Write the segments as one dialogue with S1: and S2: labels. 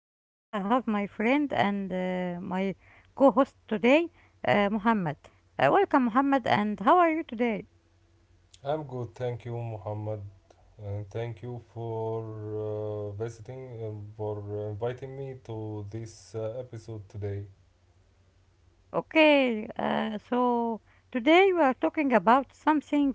S1: and today I have my friend and my co-host today, Muhammad. Welcome Muhammad and how are you today?
S2: I'm good, thank you, Muhammad, and thank you for visiting, for inviting me to this episode today.
S1: Okay, so today we are talking about something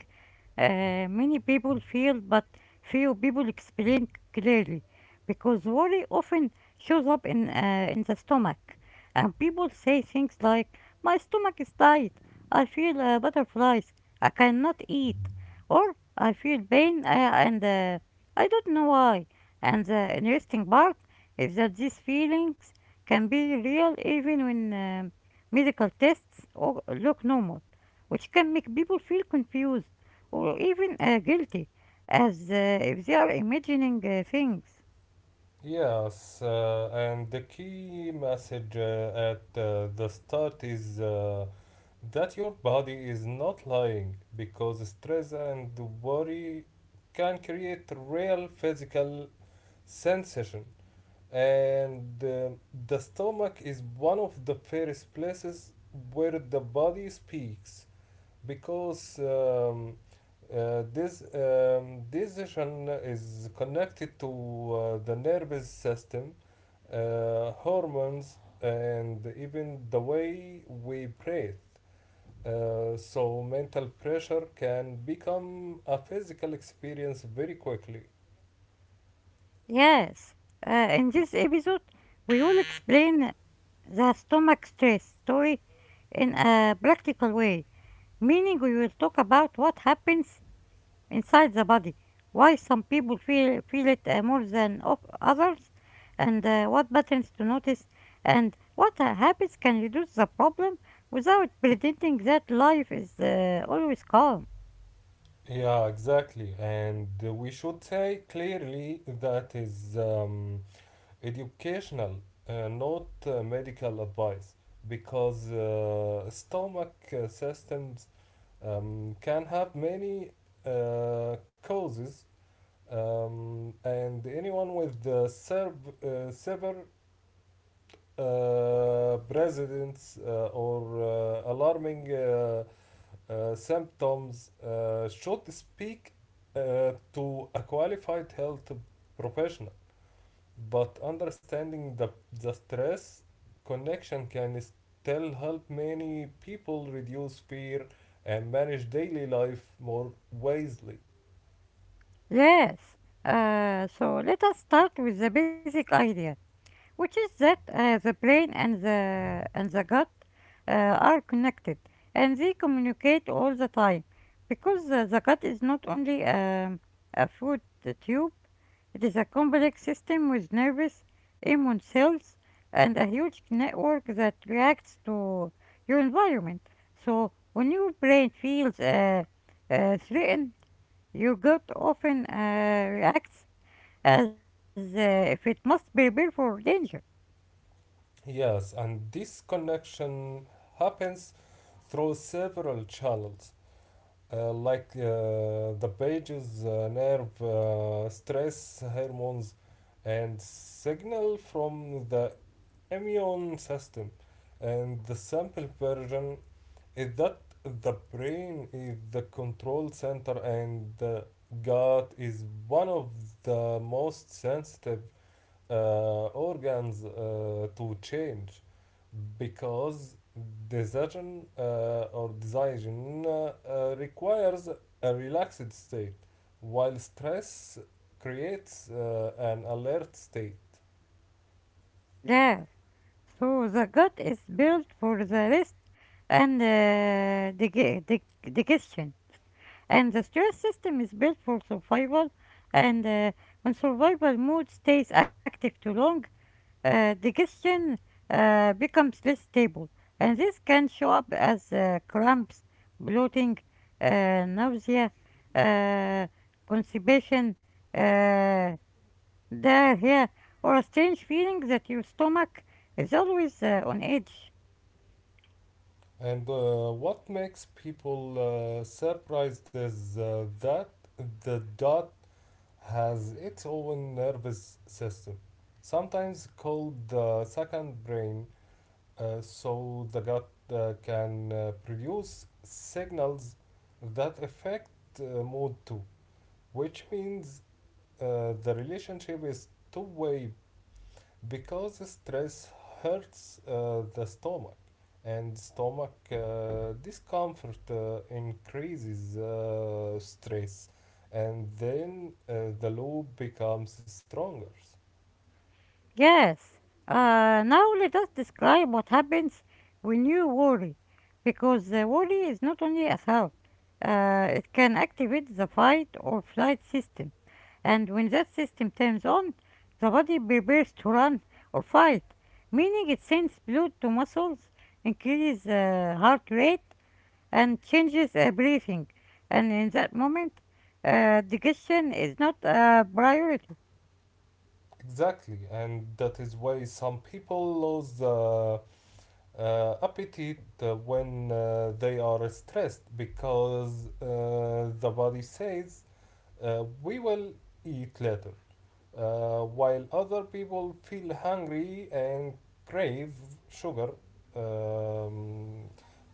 S1: many people feel but few people explain clearly because worry often shows up in the stomach, and people say things like my stomach is tight, I feel butterflies, I cannot eat, or I feel pain and I don't know why. And the interesting part is that these feelings can be real even when medical tests or look normal, which can make people feel confused or even guilty as if they are imagining things.
S2: Yes, and the key message at the start is that your body is not lying because stress and worry can create real physical sensation, and the stomach is one of the first places where the body speaks because this decision is connected to the nervous system, hormones, and even the way we breathe. So mental pressure can become a physical experience very quickly.
S1: Yes, in this episode, we will explain the stomach stress story in a practical way, meaning we will talk about what happens inside the body, why some people feel it more than of others, and what patterns to notice, and what habits can reduce the problem without pretending that life is always calm.
S2: Yeah, exactly. And we should say clearly that is educational, not medical advice, because stomach systems can have many causes, and anyone with the severe presidents or alarming symptoms should speak to a qualified health professional, but understanding the stress connection can still help many people reduce fear and manage daily life more wisely.
S1: Yes, so let us start with the basic idea, which is that the brain and the gut are connected and they communicate all the time, because the gut is not only a food tube. It is a complex system with nervous immune cells and a huge network that reacts to your environment. So when your brain feels threatened, your gut often reacts as if it must prepare for danger.
S2: Yes, and this connection happens through several channels, like the pages, nerve, stress hormones, and signal from the immune system. And the simple version is that the brain is the control center, and the gut is one of the most sensitive uh, organs to change because decision requires a relaxed state, while stress creates an alert state,
S1: Yeah. So the gut is built for the rest and digestion, and the stress system is built for survival. And when survival mode stays active too long, digestion becomes less stable, and this can show up as cramps, bloating, nausea, uh, constipation. Uh, yeah, or a strange feeling that your stomach is always on edge.
S2: and what makes people surprised is that the dot has its own nervous system, sometimes called the second brain. So the gut can produce signals that affect mood too, which means the relationship is two way, because stress hurts the stomach, and stomach discomfort increases stress, and then the loop becomes stronger.
S1: Yes. Now let us describe what happens when you worry, because the worry is not only a thought. It can activate the fight or flight system, and when that system turns on, the body prepares to run or fight, meaning it sends blood to muscles, increases heart rate, and changes everything. And in that moment, the is not a priority.
S2: Exactly, and that is why some people lose the appetite when they are stressed, because the body says we will eat later, while other people feel hungry and crave sugar, um,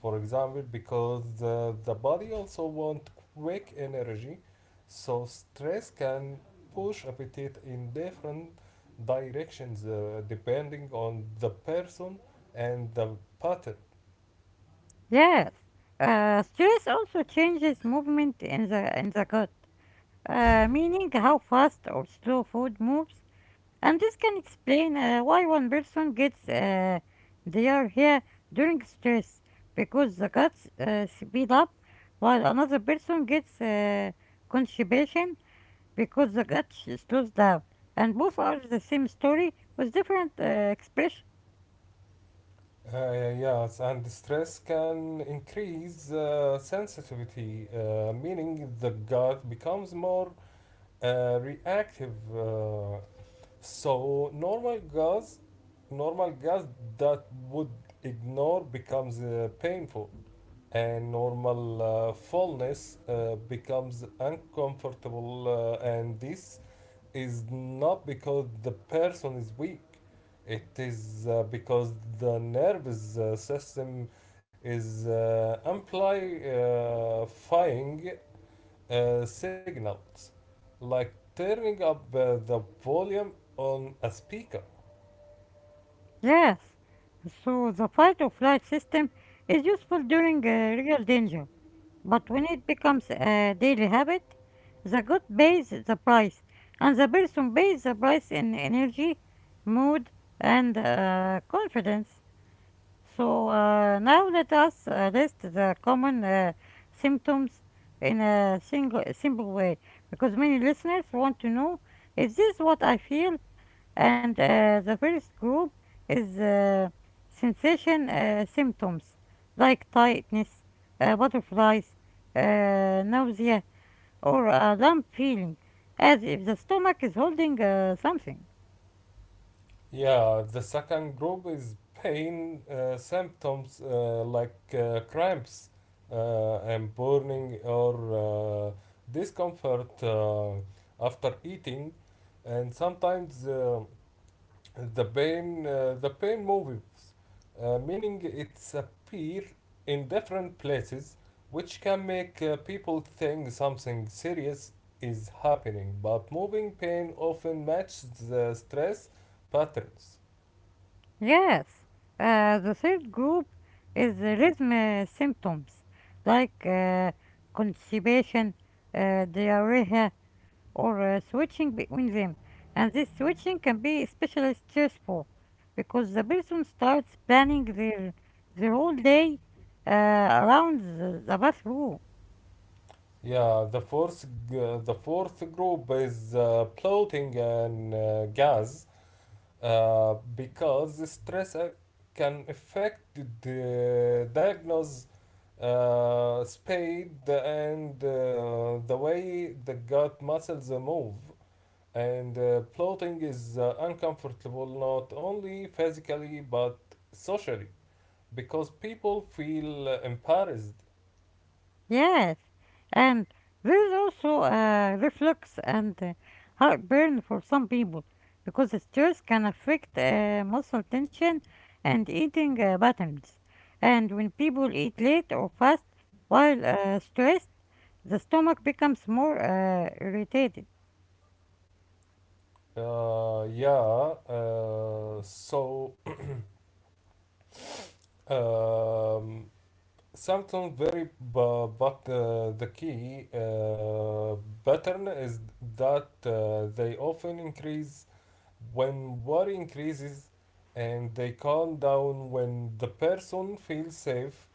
S2: for example, because the body also want quick energy, so stress can push appetite in different directions depending on the person and the pattern.
S1: Yes, stress also changes movement in the gut, meaning how fast or slow food moves, and this can explain why one person gets diarrhea during stress because the guts speed up, while another person gets constipation because the slows down, and both are the same story with different expression.
S2: Yes, and stress can increase sensitivity, meaning the gut becomes more reactive. So normal gas that would ignore becomes painful, and normal fullness becomes uncomfortable. And this is not because the person is weak; it is because the nervous system is amplifying signals, like turning up the volume on a speaker.
S1: Yes, so the fight or flight system is useful during real danger, but when it becomes a daily habit, the gut pays the price, and the person pays the price in energy, mood, and confidence. So now let us list the common symptoms in a single, simple way, because many listeners want to know, is this what I feel? And the first group is sensation symptoms like tightness, butterflies, nausea, or a lump feeling as if the stomach is holding something.
S2: Yeah, the second group is pain symptoms like cramps and burning, or discomfort after eating, and sometimes the pain moves, meaning it's appear in different places, which can make people think something serious is happening. But moving pain often matches the stress patterns.
S1: Yes, the third group is the rhythm symptoms like constipation, diarrhea, or switching between them. And this switching can be especially stressful because the person starts planning their whole day around the bathroom.
S2: Yeah, the the fourth group is bloating and gas, because the stress can affect the diagnose spade and the way the gut muscles move, and bloating is uncomfortable, not only physically but socially, because people feel embarrassed.
S1: Yes, and there is also reflux and heartburn for some people because the stress can affect muscle tension and eating patterns. And when people eat late or fast while stressed, the stomach becomes more irritated.
S2: Yeah. Uh, so um, something very but the key pattern is that they often increase when worry increases, and they calm down when the person feels safe,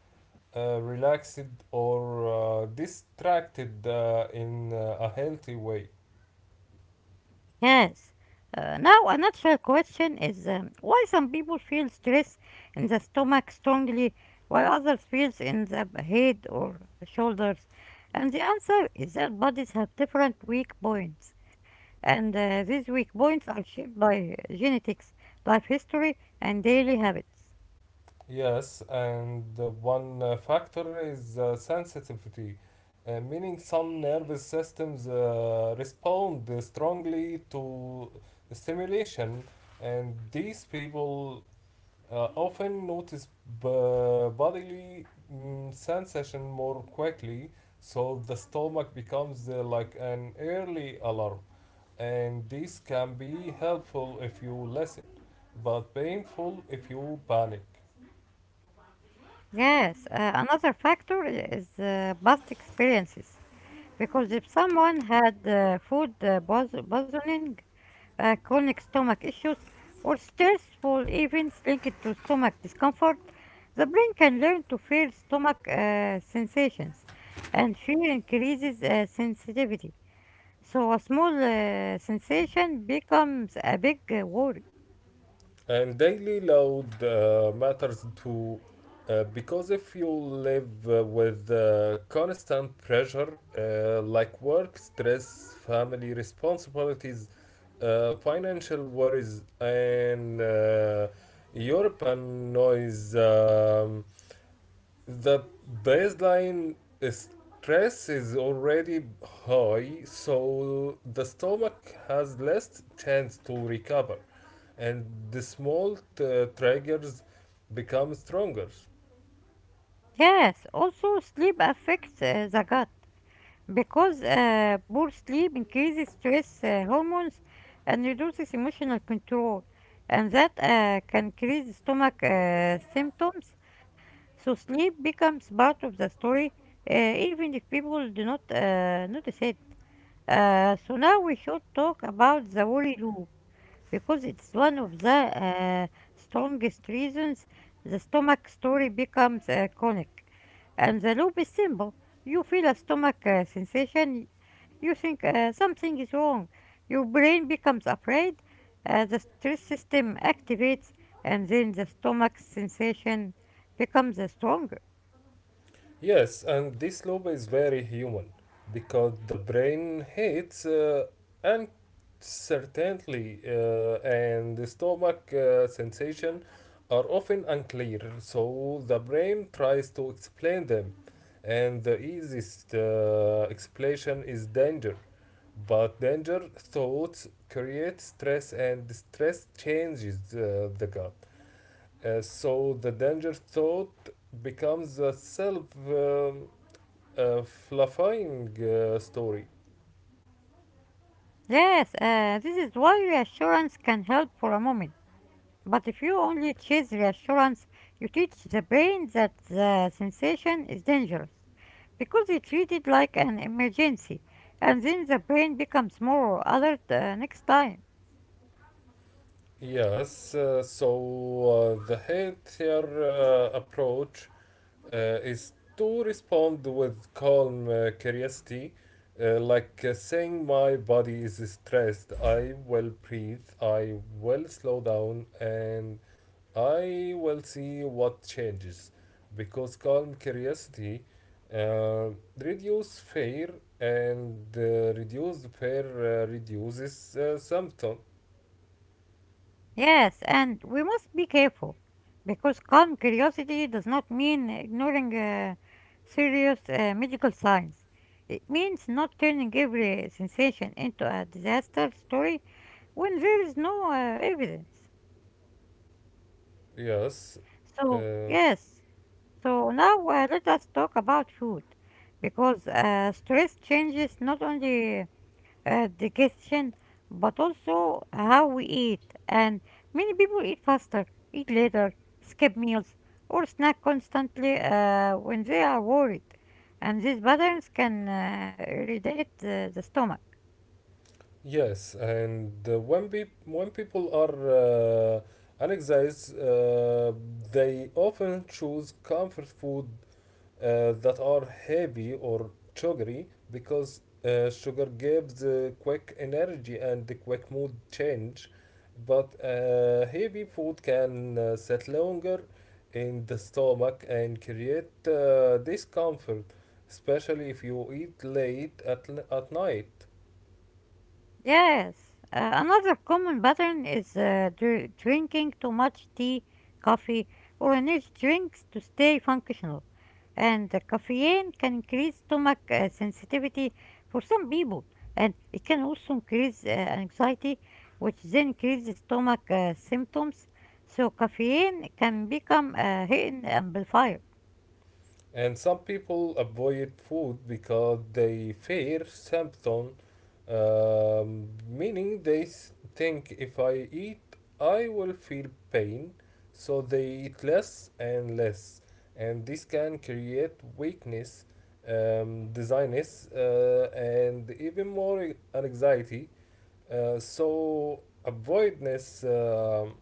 S2: relaxed, or distracted in a healthy way.
S1: Yes. Now, a natural question is, why some people feel stress in the stomach strongly while others feels in the head or shoulders? And the answer is that bodies have different weak points, and these weak points are shaped by genetics, life history, and daily habits.
S2: Yes, and the one factor is sensitivity, meaning some nervous systems respond strongly to stimulation, and these people often notice bodily sensation more quickly, so the stomach becomes like an early alarm, and this can be helpful if you listen, but painful if you panic.
S1: Yes, another factor is past experiences, because if someone had food poisoning, chronic stomach issues, or stressful events linked to stomach discomfort, the brain can learn to feel stomach sensations, and fear increases sensitivity. So a small sensation becomes a big worry.
S2: And daily load matters too, because if you live with constant pressure like work, stress, family responsibilities, financial worries, and European noise, the baseline stress is already high, so the stomach has less chance to recover, and the small triggers become stronger.
S1: Yes, also sleep affects the gut. Because poor sleep increases stress hormones and reduces emotional control, and that can increase stomach symptoms. So sleep becomes part of the story, even if people do not notice it. So now we should talk about the worry loop, because it's one of the strongest reasons the stomach story becomes chronic. And the loop is simple. You feel a stomach sensation, you think something is wrong, your brain becomes afraid, the stress system activates, and then the stomach sensation becomes stronger.
S2: Yes, and this loop is very human because the brain hates uncertainty, and the stomach sensation are often unclear, so the brain tries to explain them. And the easiest explanation is danger, but danger thoughts create stress, and stress changes the gut. So the danger thought becomes a self fluffying story.
S1: Yes, this is why reassurance can help for a moment. But if you only teach reassurance, you teach the brain that the sensation is dangerous because you treat it like an emergency, and then the brain becomes more alert next time.
S2: Yes, so the healthier approach uh, is to respond with calm curiosity, like saying, "My body is stressed, I will breathe, I will slow down, and I will see what changes," because calm curiosity uh, reduce fear, and reduced fear reduces symptom.
S1: Yes, and we must be careful because calm curiosity does not mean ignoring serious medical signs. It means not turning every sensation into a disaster story when there is no evidence.
S2: Yes,
S1: So,
S2: uh,
S1: yes. So now let us talk about food, because stress changes not only digestion but also how we eat. And many people eat faster, eat later, skip meals, or snack constantly when they are worried. And these patterns can irritate the stomach.
S2: yes, and when when people are anxious, they often choose comfort food that are heavy or sugary, because sugar gives quick energy and the quick mood change, but heavy food can sit longer in the stomach and create discomfort, especially if you eat late at night.
S1: Yes, another common pattern is drinking too much tea, coffee, or energy drinks to stay functional. And the caffeine can increase stomach sensitivity for some people, and it can also increase anxiety, which then increases stomach symptoms. So, caffeine can become a hidden amplifier.
S2: And some people avoid food because they fear symptom, meaning they think if I eat, I will feel pain, so they eat less and less, and this can create weakness, dizziness, and even more anxiety. So avoidance um,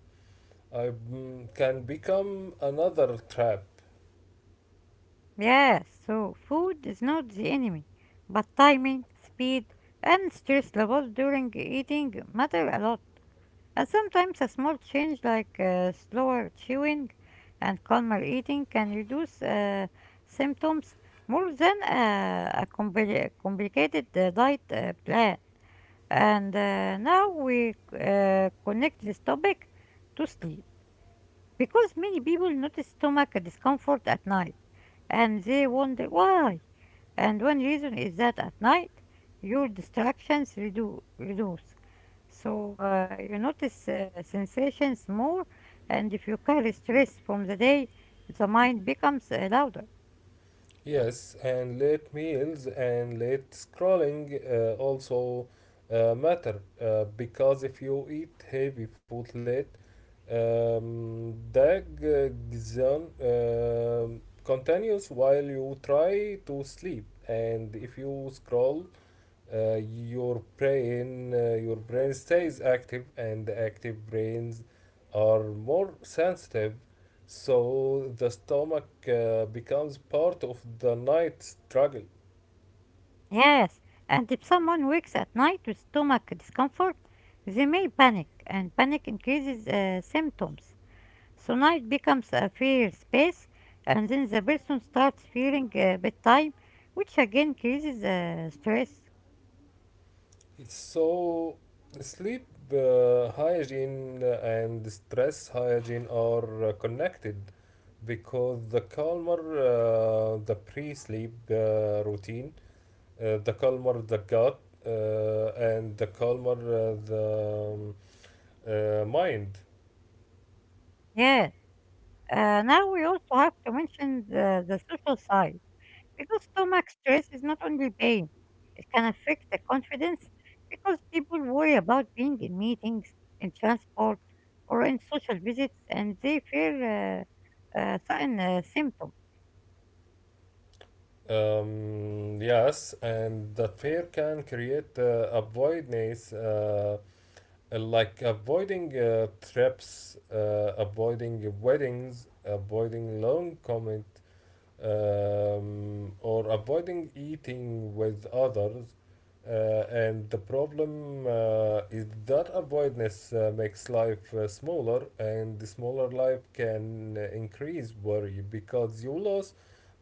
S2: I, mm, can become another trap.
S1: Yes, so food is not the enemy, but timing, speed, and stress levels during eating matter a lot. And sometimes a small change like slower chewing and calmer eating can reduce symptoms more than complicated diet plan. And now we connect this topic to sleep. Because many people notice stomach discomfort at night and they wonder why. And one reason is that at night your distractions reduce. So you notice sensations more, and if you carry stress from the day, the mind becomes louder.
S2: Yes, and late meals and late scrolling also matter, because if you eat heavy food late, the gizon continues while you try to sleep, and if you scroll, your brain stays active, and the active brains are more sensitive, so the stomach becomes part of the night struggle.
S1: Yes, and if someone wakes at night with stomach discomfort, they may panic, and panic increases symptoms. So night becomes a fair space, and then the person starts feeling bedtime, which again creases stress.
S2: So sleep hygiene and stress hygiene are connected, because the calmer the pre-sleep routine, the Kalmar the gut, and the Kalmar the mind.
S1: Yes, now we also have to mention the social side, because stomach stress is not only pain, it can affect the confidence because people worry about being in meetings, in transport, or in social visits, and they fear certain symptoms.
S2: Yes, and that fear can create avoidance, like avoiding trips, avoiding weddings, avoiding long commute, or avoiding eating with others. And the problem is that avoidance makes life smaller, and the smaller life can increase worry because you lose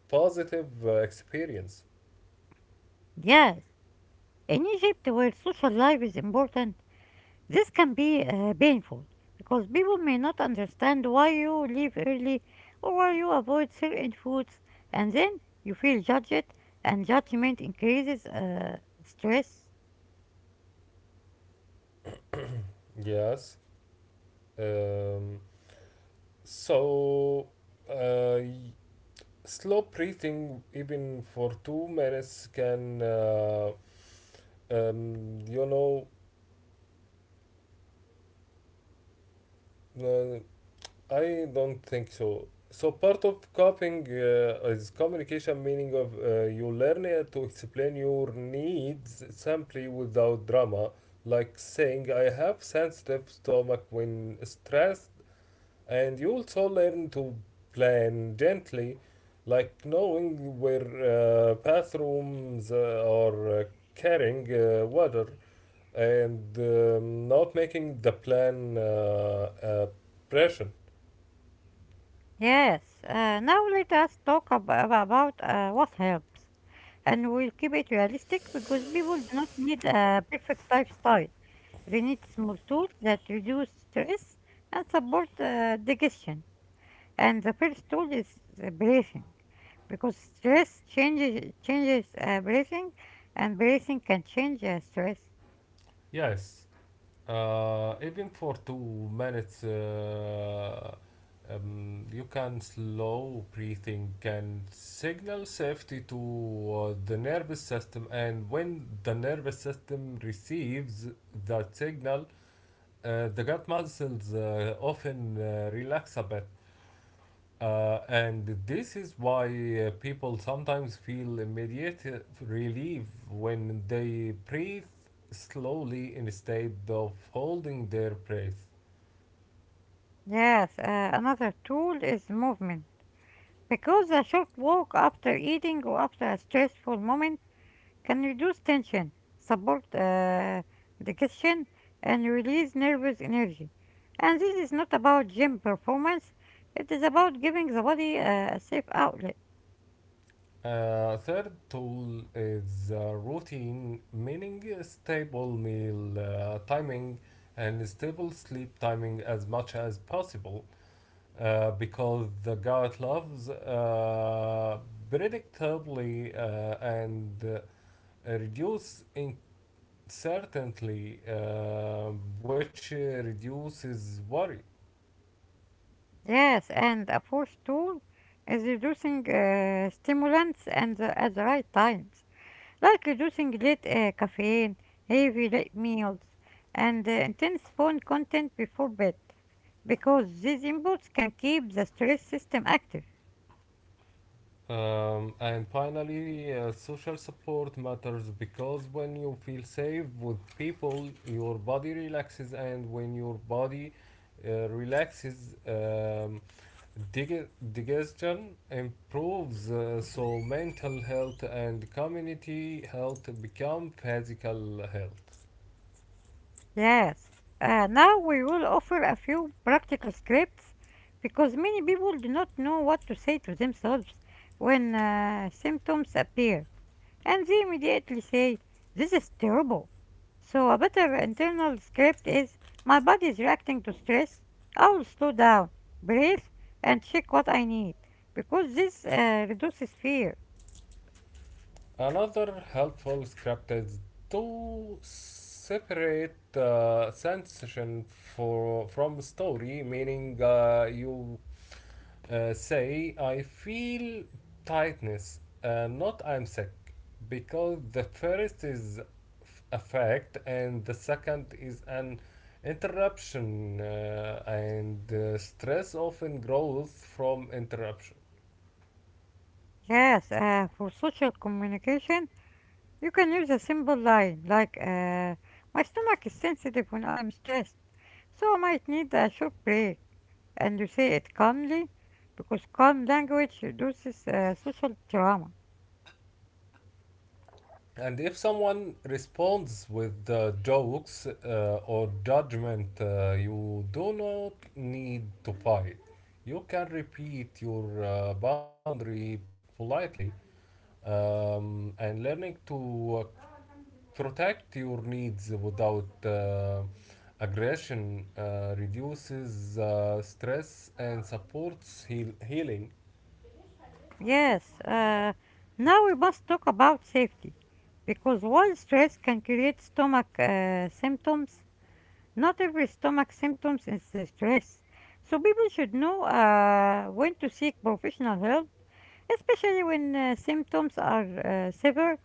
S2: positive experience.
S1: Yes, in Egypt, where social life is important, this can be painful because people may not understand why you leave early or why you avoid certain foods, and then you feel judged, and judgment increases stress.
S2: Yes. Um, so, uh, y- slow breathing, even for 2 minutes, can, um, you know, uh, I don't think so. So part of coping is communication, meaning of you learn it to explain your needs simply without drama, like saying I have sensitive stomach when stressed, and you also learn to plan gently, like knowing where bathrooms are, carrying water, and not making the plan a pressure.
S1: Yes, now let us talk about what helps, and we'll keep it realistic because people do not need a perfect lifestyle. They need small tools that reduce stress and support digestion. And the first tool is the breathing, because stress changes breathing, and breathing can change stress.
S2: Yes. Even for 2 minutes, you can slow breathing can signal safety to the nervous system, and when the nervous system receives that signal, the gut muscles often relax a bit. And this is why people sometimes feel immediate relief when they breathe slowly instead of holding their breath.
S1: Yes, another tool is movement, because a short walk after eating or after a stressful moment can reduce tension, support digestion, and release nervous energy. And this is not about gym performance; it is about giving the body a safe outlet.
S2: Third tool is routine, meaning a stable meal timing and stable sleep timing as much as possible, because the gut loves predictably and reduce in Certainly, which reduces worry.
S1: Yes, and a fourth tool is reducing stimulants and at the right times, like reducing late caffeine, heavy late meals, and intense phone content before bed, because these inputs can keep the stress system active.
S2: And finally, social support matters, because when you feel safe with people, your body relaxes, and when your body relaxes, dig- digestion improves. So, mental health and community health become physical health.
S1: Yes. Now we will offer a few practical scripts because many people do not know what to say to themselves when symptoms appear. And they immediately say, this is terrible. So a better internal script is, my body is reacting to stress. I'll slow down, breathe, and check what I need. Because this reduces fear.
S2: Another helpful script is to separate sensation for from story, meaning you say I feel tightness, not I'm sick, because the first is a fact and the second is an interruption, and stress often grows from interruption.
S1: Yes, for social communication, you can use a simple line like, my stomach is sensitive when I am stressed, so I might need a short break. And you say it calmly because calm language reduces social trauma.
S2: And if someone responds with jokes or judgment, you do not need to fight. You can repeat your boundary politely, and learning to protect your needs without aggression reduces stress and supports healing.
S1: Yes, now we must talk about safety. Because while stress can create stomach symptoms, not every stomach symptoms is stress. So people should know when to seek professional help, especially when symptoms are severe,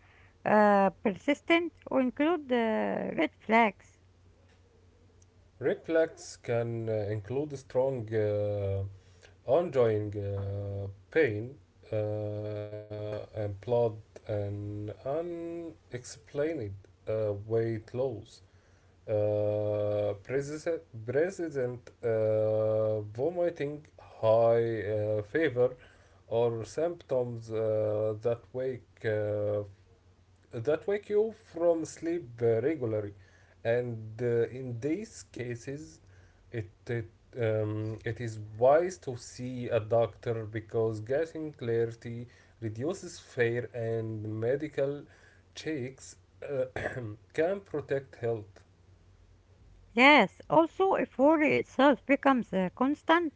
S1: persistent, or include red flags.
S2: Reflex can include strong, ongoing pain, and blood, and unexplained weight loss. President vomiting, high fever, or symptoms that wake you from sleep regularly. And In these cases, it it, it is wise to see a doctor, because getting clarity reduces fear, and medical checks uh, can protect health.
S1: Yes, also if worry itself becomes constant,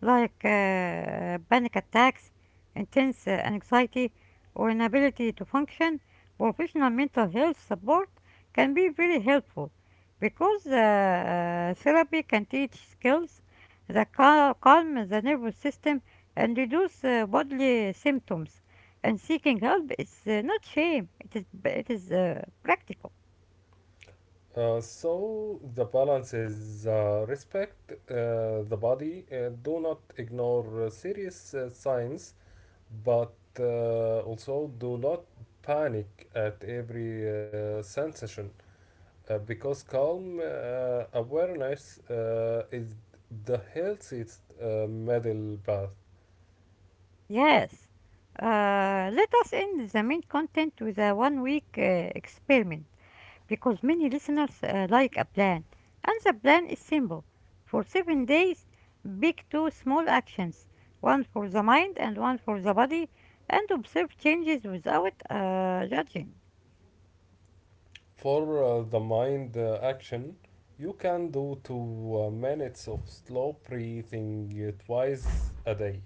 S1: like panic attacks, intense anxiety, or inability to function, professional mental health support can be very helpful because therapy can teach skills that calm the nervous system and reduce bodily symptoms. And seeking help is not shame; it is practical.
S2: Uh, so the balance is respect the body, do not ignore serious signs. But also, do not panic at every sensation, because calm awareness is the healthiest middle path.
S1: Yes. Let us end the main content with a one-week experiment, because many listeners like a plan, and the plan is simple. For 7 days, pick two small actions, one for the mind and one for the body, and observe changes without judging.
S2: For the mind action, you can do two minutes of slow breathing twice a day,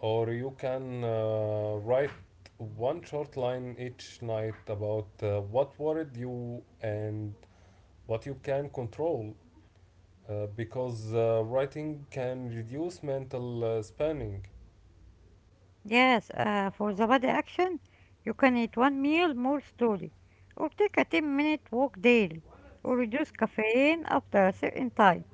S2: or you can write one short line each night about what worried you and what you can control, because writing can reduce mental spanning.
S1: Yes, for the body action, you can eat one meal more slowly, or take a 10-minute walk daily, or reduce caffeine after a certain time.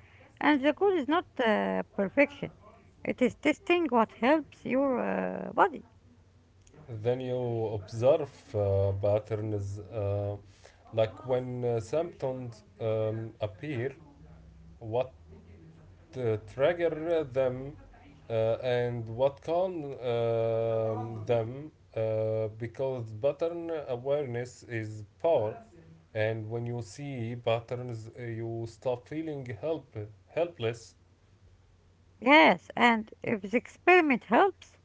S1: And the goal is not perfection, it is testing what helps your body.
S2: Then you observe patterns, like when symptoms appear, what trigger them, and what calm them, because pattern awareness is power. And when you see patterns, you stop feeling helpless.
S1: Yes, and if the experiment helps,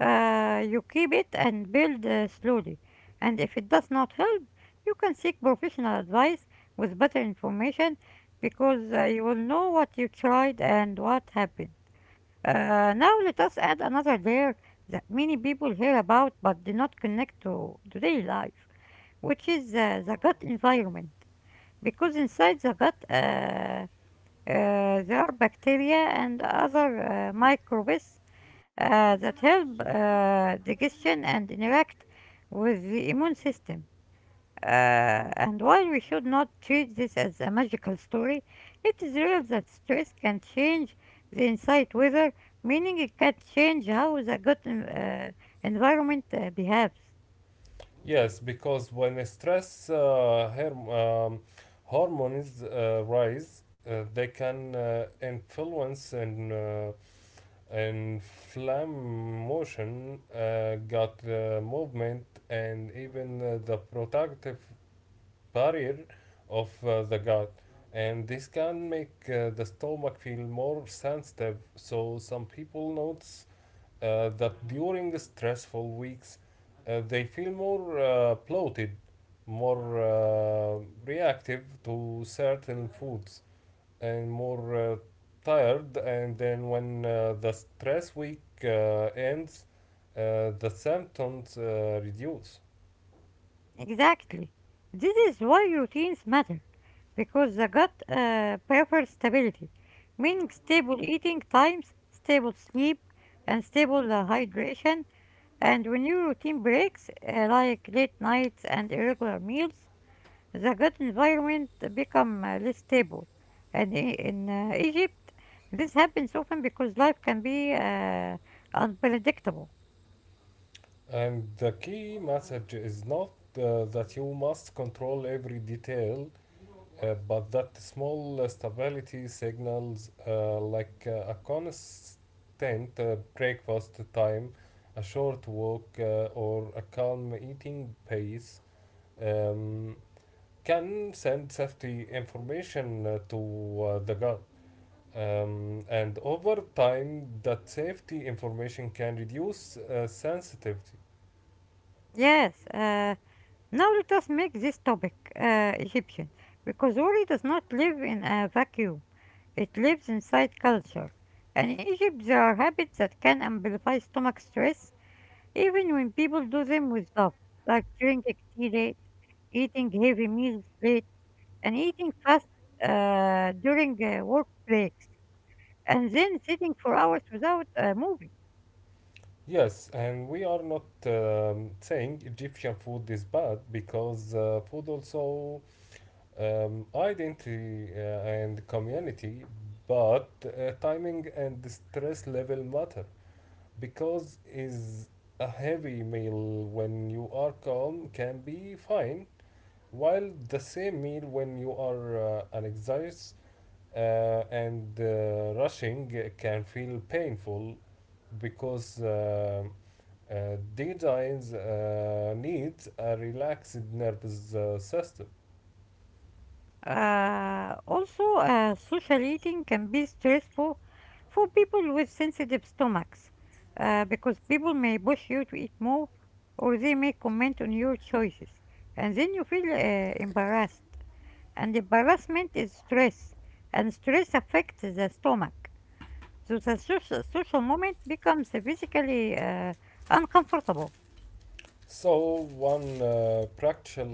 S1: you keep it and build slowly. And if it does not help, you can seek professional advice with better information because you will know what you tried and what happened. Now let us add another layer that many people hear about but do not connect to daily life, which is the gut environment. Because inside the gut, there are bacteria and other microbes that help digestion and interact with the immune system. Uh, and while we should not treat this as a magical story, it is real that stress can change the inside weather, meaning it can change how the environment behaves.
S2: Yes, because when stress hormones rise, they can influence and inflammation, motion, gut movement, and even the protective barrier of the gut. And this can make the stomach feel more sensitive. So some people notice that during stressful weeks they feel more bloated, more reactive to certain foods, and more tired. And then when the stress week ends, the symptoms reduce.
S1: Exactly. This is why routines matter, because the gut prefers stability, meaning stable eating times, stable sleep, and stable hydration. And when your routine breaks, like late nights and irregular meals, the gut environment become less stable. And in Egypt, this happens often because life can be unpredictable.
S2: And the key message is not, that you must control every detail, but that small stability signals, like a constant breakfast time, a short walk, or a calm eating pace, um, can send safety information to the gut. And over time, that safety information can reduce sensitivity.
S1: Yes. Now let us make this topic Egyptian, because worry does not live in a vacuum. It lives inside culture. And in Egypt, there are habits that can amplify stomach stress, even when people do them with love, like drinking tea late, eating heavy meals late, and eating fast during work breaks, and then sitting for hours without moving.
S2: Yes, and we are not saying Egyptian food is bad because food also identity and community, but timing and stress level matter because is a heavy meal when you are calm can be fine, while the same meal when you are anxious uh, and rushing can feel painful because uh, deadlines needs a relaxed nervous system.
S1: Also, social eating can be stressful for people with sensitive stomachs because people may push you to eat more or they may comment on your choices. And then you feel embarrassed. And embarrassment is stress. And stress affects the stomach. So the social moment becomes physically uncomfortable.
S2: So, one practical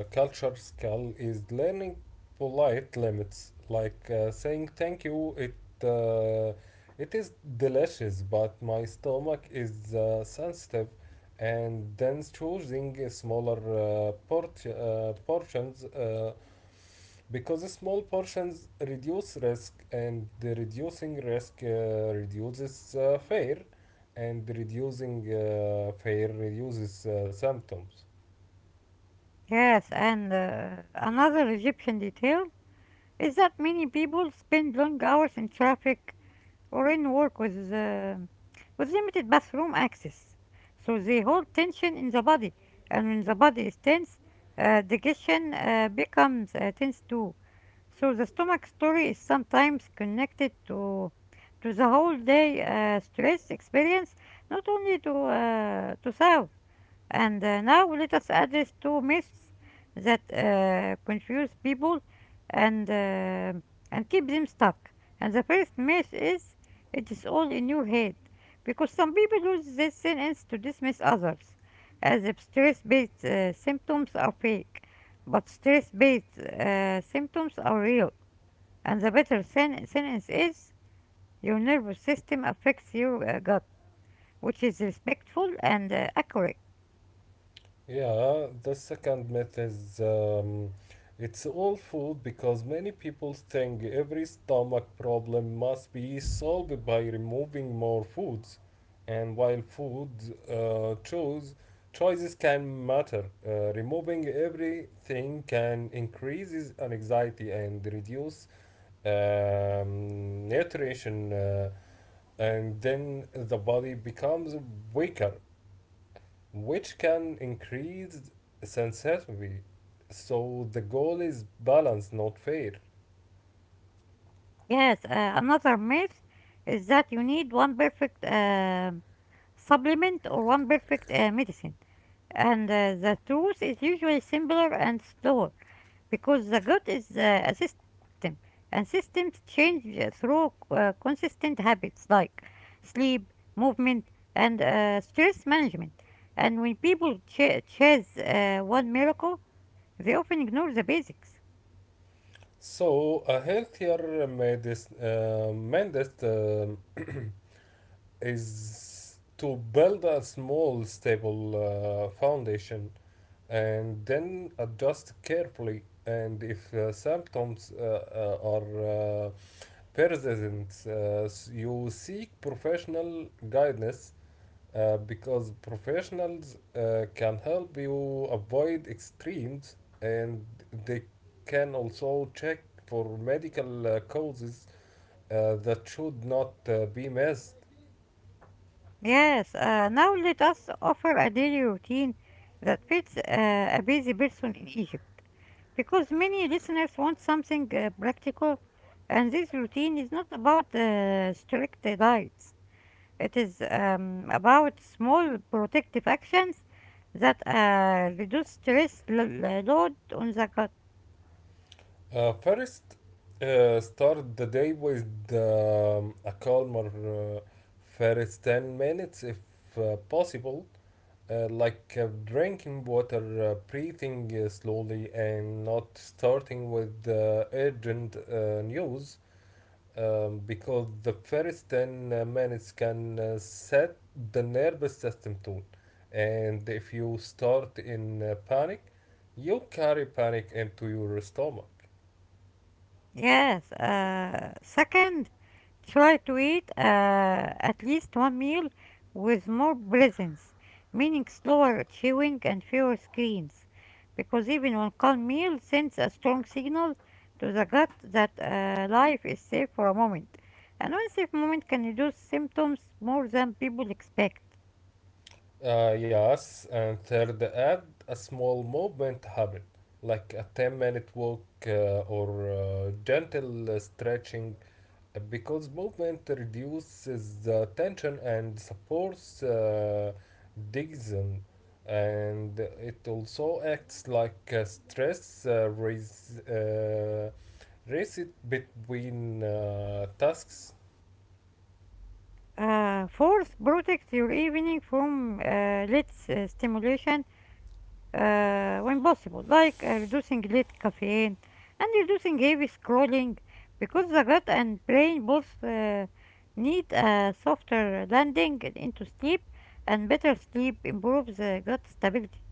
S2: culture skill is learning polite limits, like saying, "Thank you. It is delicious, but my stomach is sensitive," and then choosing smaller portions. Because small portions reduce risk, and the reducing risk reduces fear, and reducing fear reduces symptoms.
S1: Yes, and another Egyptian detail is that many people spend long hours in traffic or in work with, with limited bathroom access. So they hold tension in the body, and when the body is tense, digestion becomes tense too. So the stomach story is sometimes connected to the whole day stress experience, not only to sound. And now let us address two myths that confuse people and uh, and keep them stuck. And the first myth is it is all in your head, because some people use this sentence to dismiss others, as if stress-based symptoms are fake, but stress-based symptoms are real. And the better sentence is your nervous system affects your gut, which is respectful and accurate.
S2: Yeah, the second myth is, it's all food, because many people think every stomach problem must be solved by removing more foods. And while food uh, choice, choices can matter, removing everything can increase anxiety and reduce nutrition, and then the body becomes weaker, which can increase sensitivity. So the goal is balance, not fair.
S1: Yes, another myth is that you need one perfect supplement or one perfect medicine. And the truth is usually simpler and slower because the gut is a system, and systems change through consistent habits like sleep, movement, and stress management. And when people chase one miracle, they often ignore the basics.
S2: So a healthier mandate is to build a small, stable foundation and then adjust carefully. And if symptoms are persistent, you seek professional guidance because professionals can help you avoid extremes, and they can also check for medical causes that should not be missed.
S1: Yes, now let us offer a daily routine that fits a busy person in Egypt because many listeners want something practical, and this routine is not about strict diets, it is about small protective actions that reduce stress load on the gut.
S2: First, start the day with a calmer uh, first 10 minutes if possible, like drinking water, breathing slowly, and not starting with urgent news. Because the first 10 minutes can set the nervous system tone, and if you start in panic, you carry panic into your stomach.
S1: Yes. Second, try to eat at least one meal with more presence, meaning slower chewing and fewer screens, because even one calm meal sends a strong signal to the gut that life is safe for a moment. And one safe moment can reduce symptoms more than people expect.
S2: Yes, and third, add a small movement habit like a 10-minute walk, or gentle stretching, because movement reduces the tension and supports digestion, and it also acts like a stress reset between tasks.
S1: Fourth, protect your evening from late stimulation when possible, like reducing late caffeine and reducing heavy scrolling, because the gut and brain both need a softer landing into sleep, and better sleep improves the gut stability.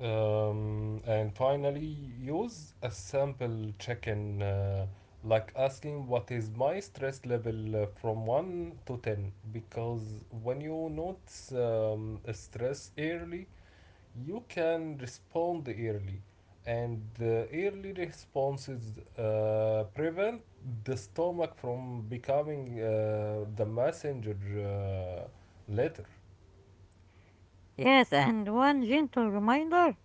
S2: And finally, use a sample check-in, like asking, what is my stress level, from 1 to 10, because when you notice a stress early, you can respond early, and the early responses prevent the stomach from becoming the messenger later.
S1: Yes, and one gentle reminder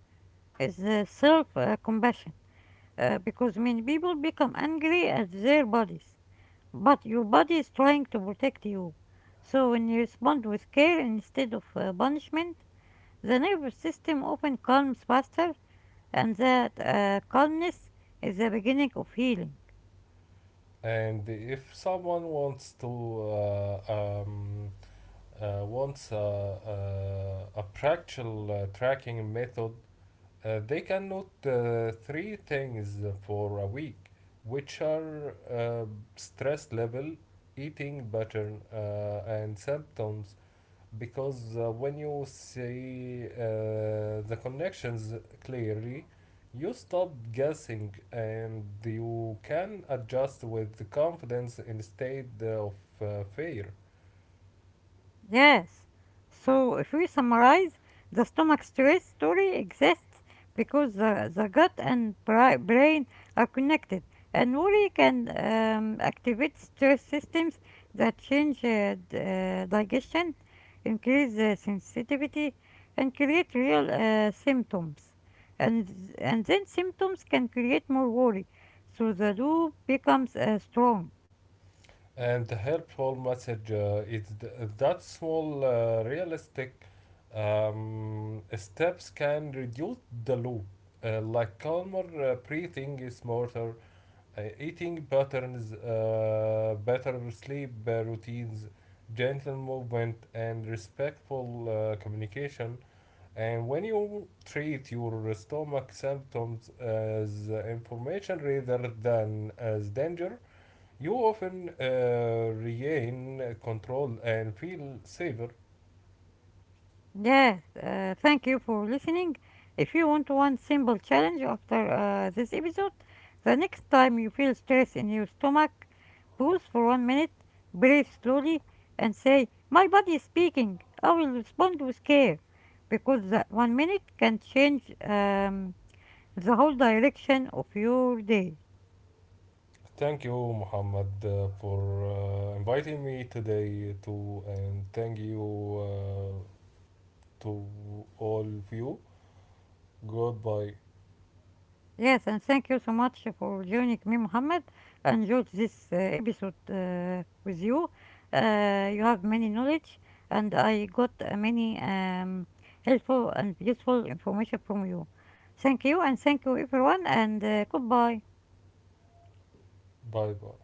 S1: is the self compassion, because many people become angry at their bodies, but your body is trying to protect you. So when you respond with care instead of punishment, the nervous system often calms faster, and that calmness is the beginning of healing.
S2: And if someone wants to, uh, um, wants a practical tracking method, they cannot three things for a week, which are stress level, eating pattern, and symptoms. Because when you see the connections clearly, you stop guessing and you can adjust with confidence instead of fear.
S1: Yes. So if we summarize, the stomach stress story exists because the gut and brain are connected, and worry can activate stress systems that change digestion, increase sensitivity, and create real symptoms. And then symptoms can create more worry, so the loop becomes strong.
S2: And the helpful message is that small, realistic steps can reduce the loop. Like calmer breathing is smarter, eating patterns, better sleep routines, gentle movement, and respectful communication. And when you treat your stomach symptoms as information rather than as danger, you often regain control and feel safer.
S1: Yes, thank you for listening. If you want one simple challenge after this episode, the next time you feel stress in your stomach, pause for 1 minute, breathe slowly, and say, "My body is speaking. I will respond with care." Because that 1 minute can change the whole direction of your day.
S2: Thank you, Muhammad, for inviting me today too, and thank you to all of you. Goodbye.
S1: Yes, and thank you so much for joining me, Mohammed. I enjoyed this episode with you. You have many knowledge, and I got many helpful and useful information from you. Thank you, and thank you, everyone, and goodbye.
S2: Bye bye.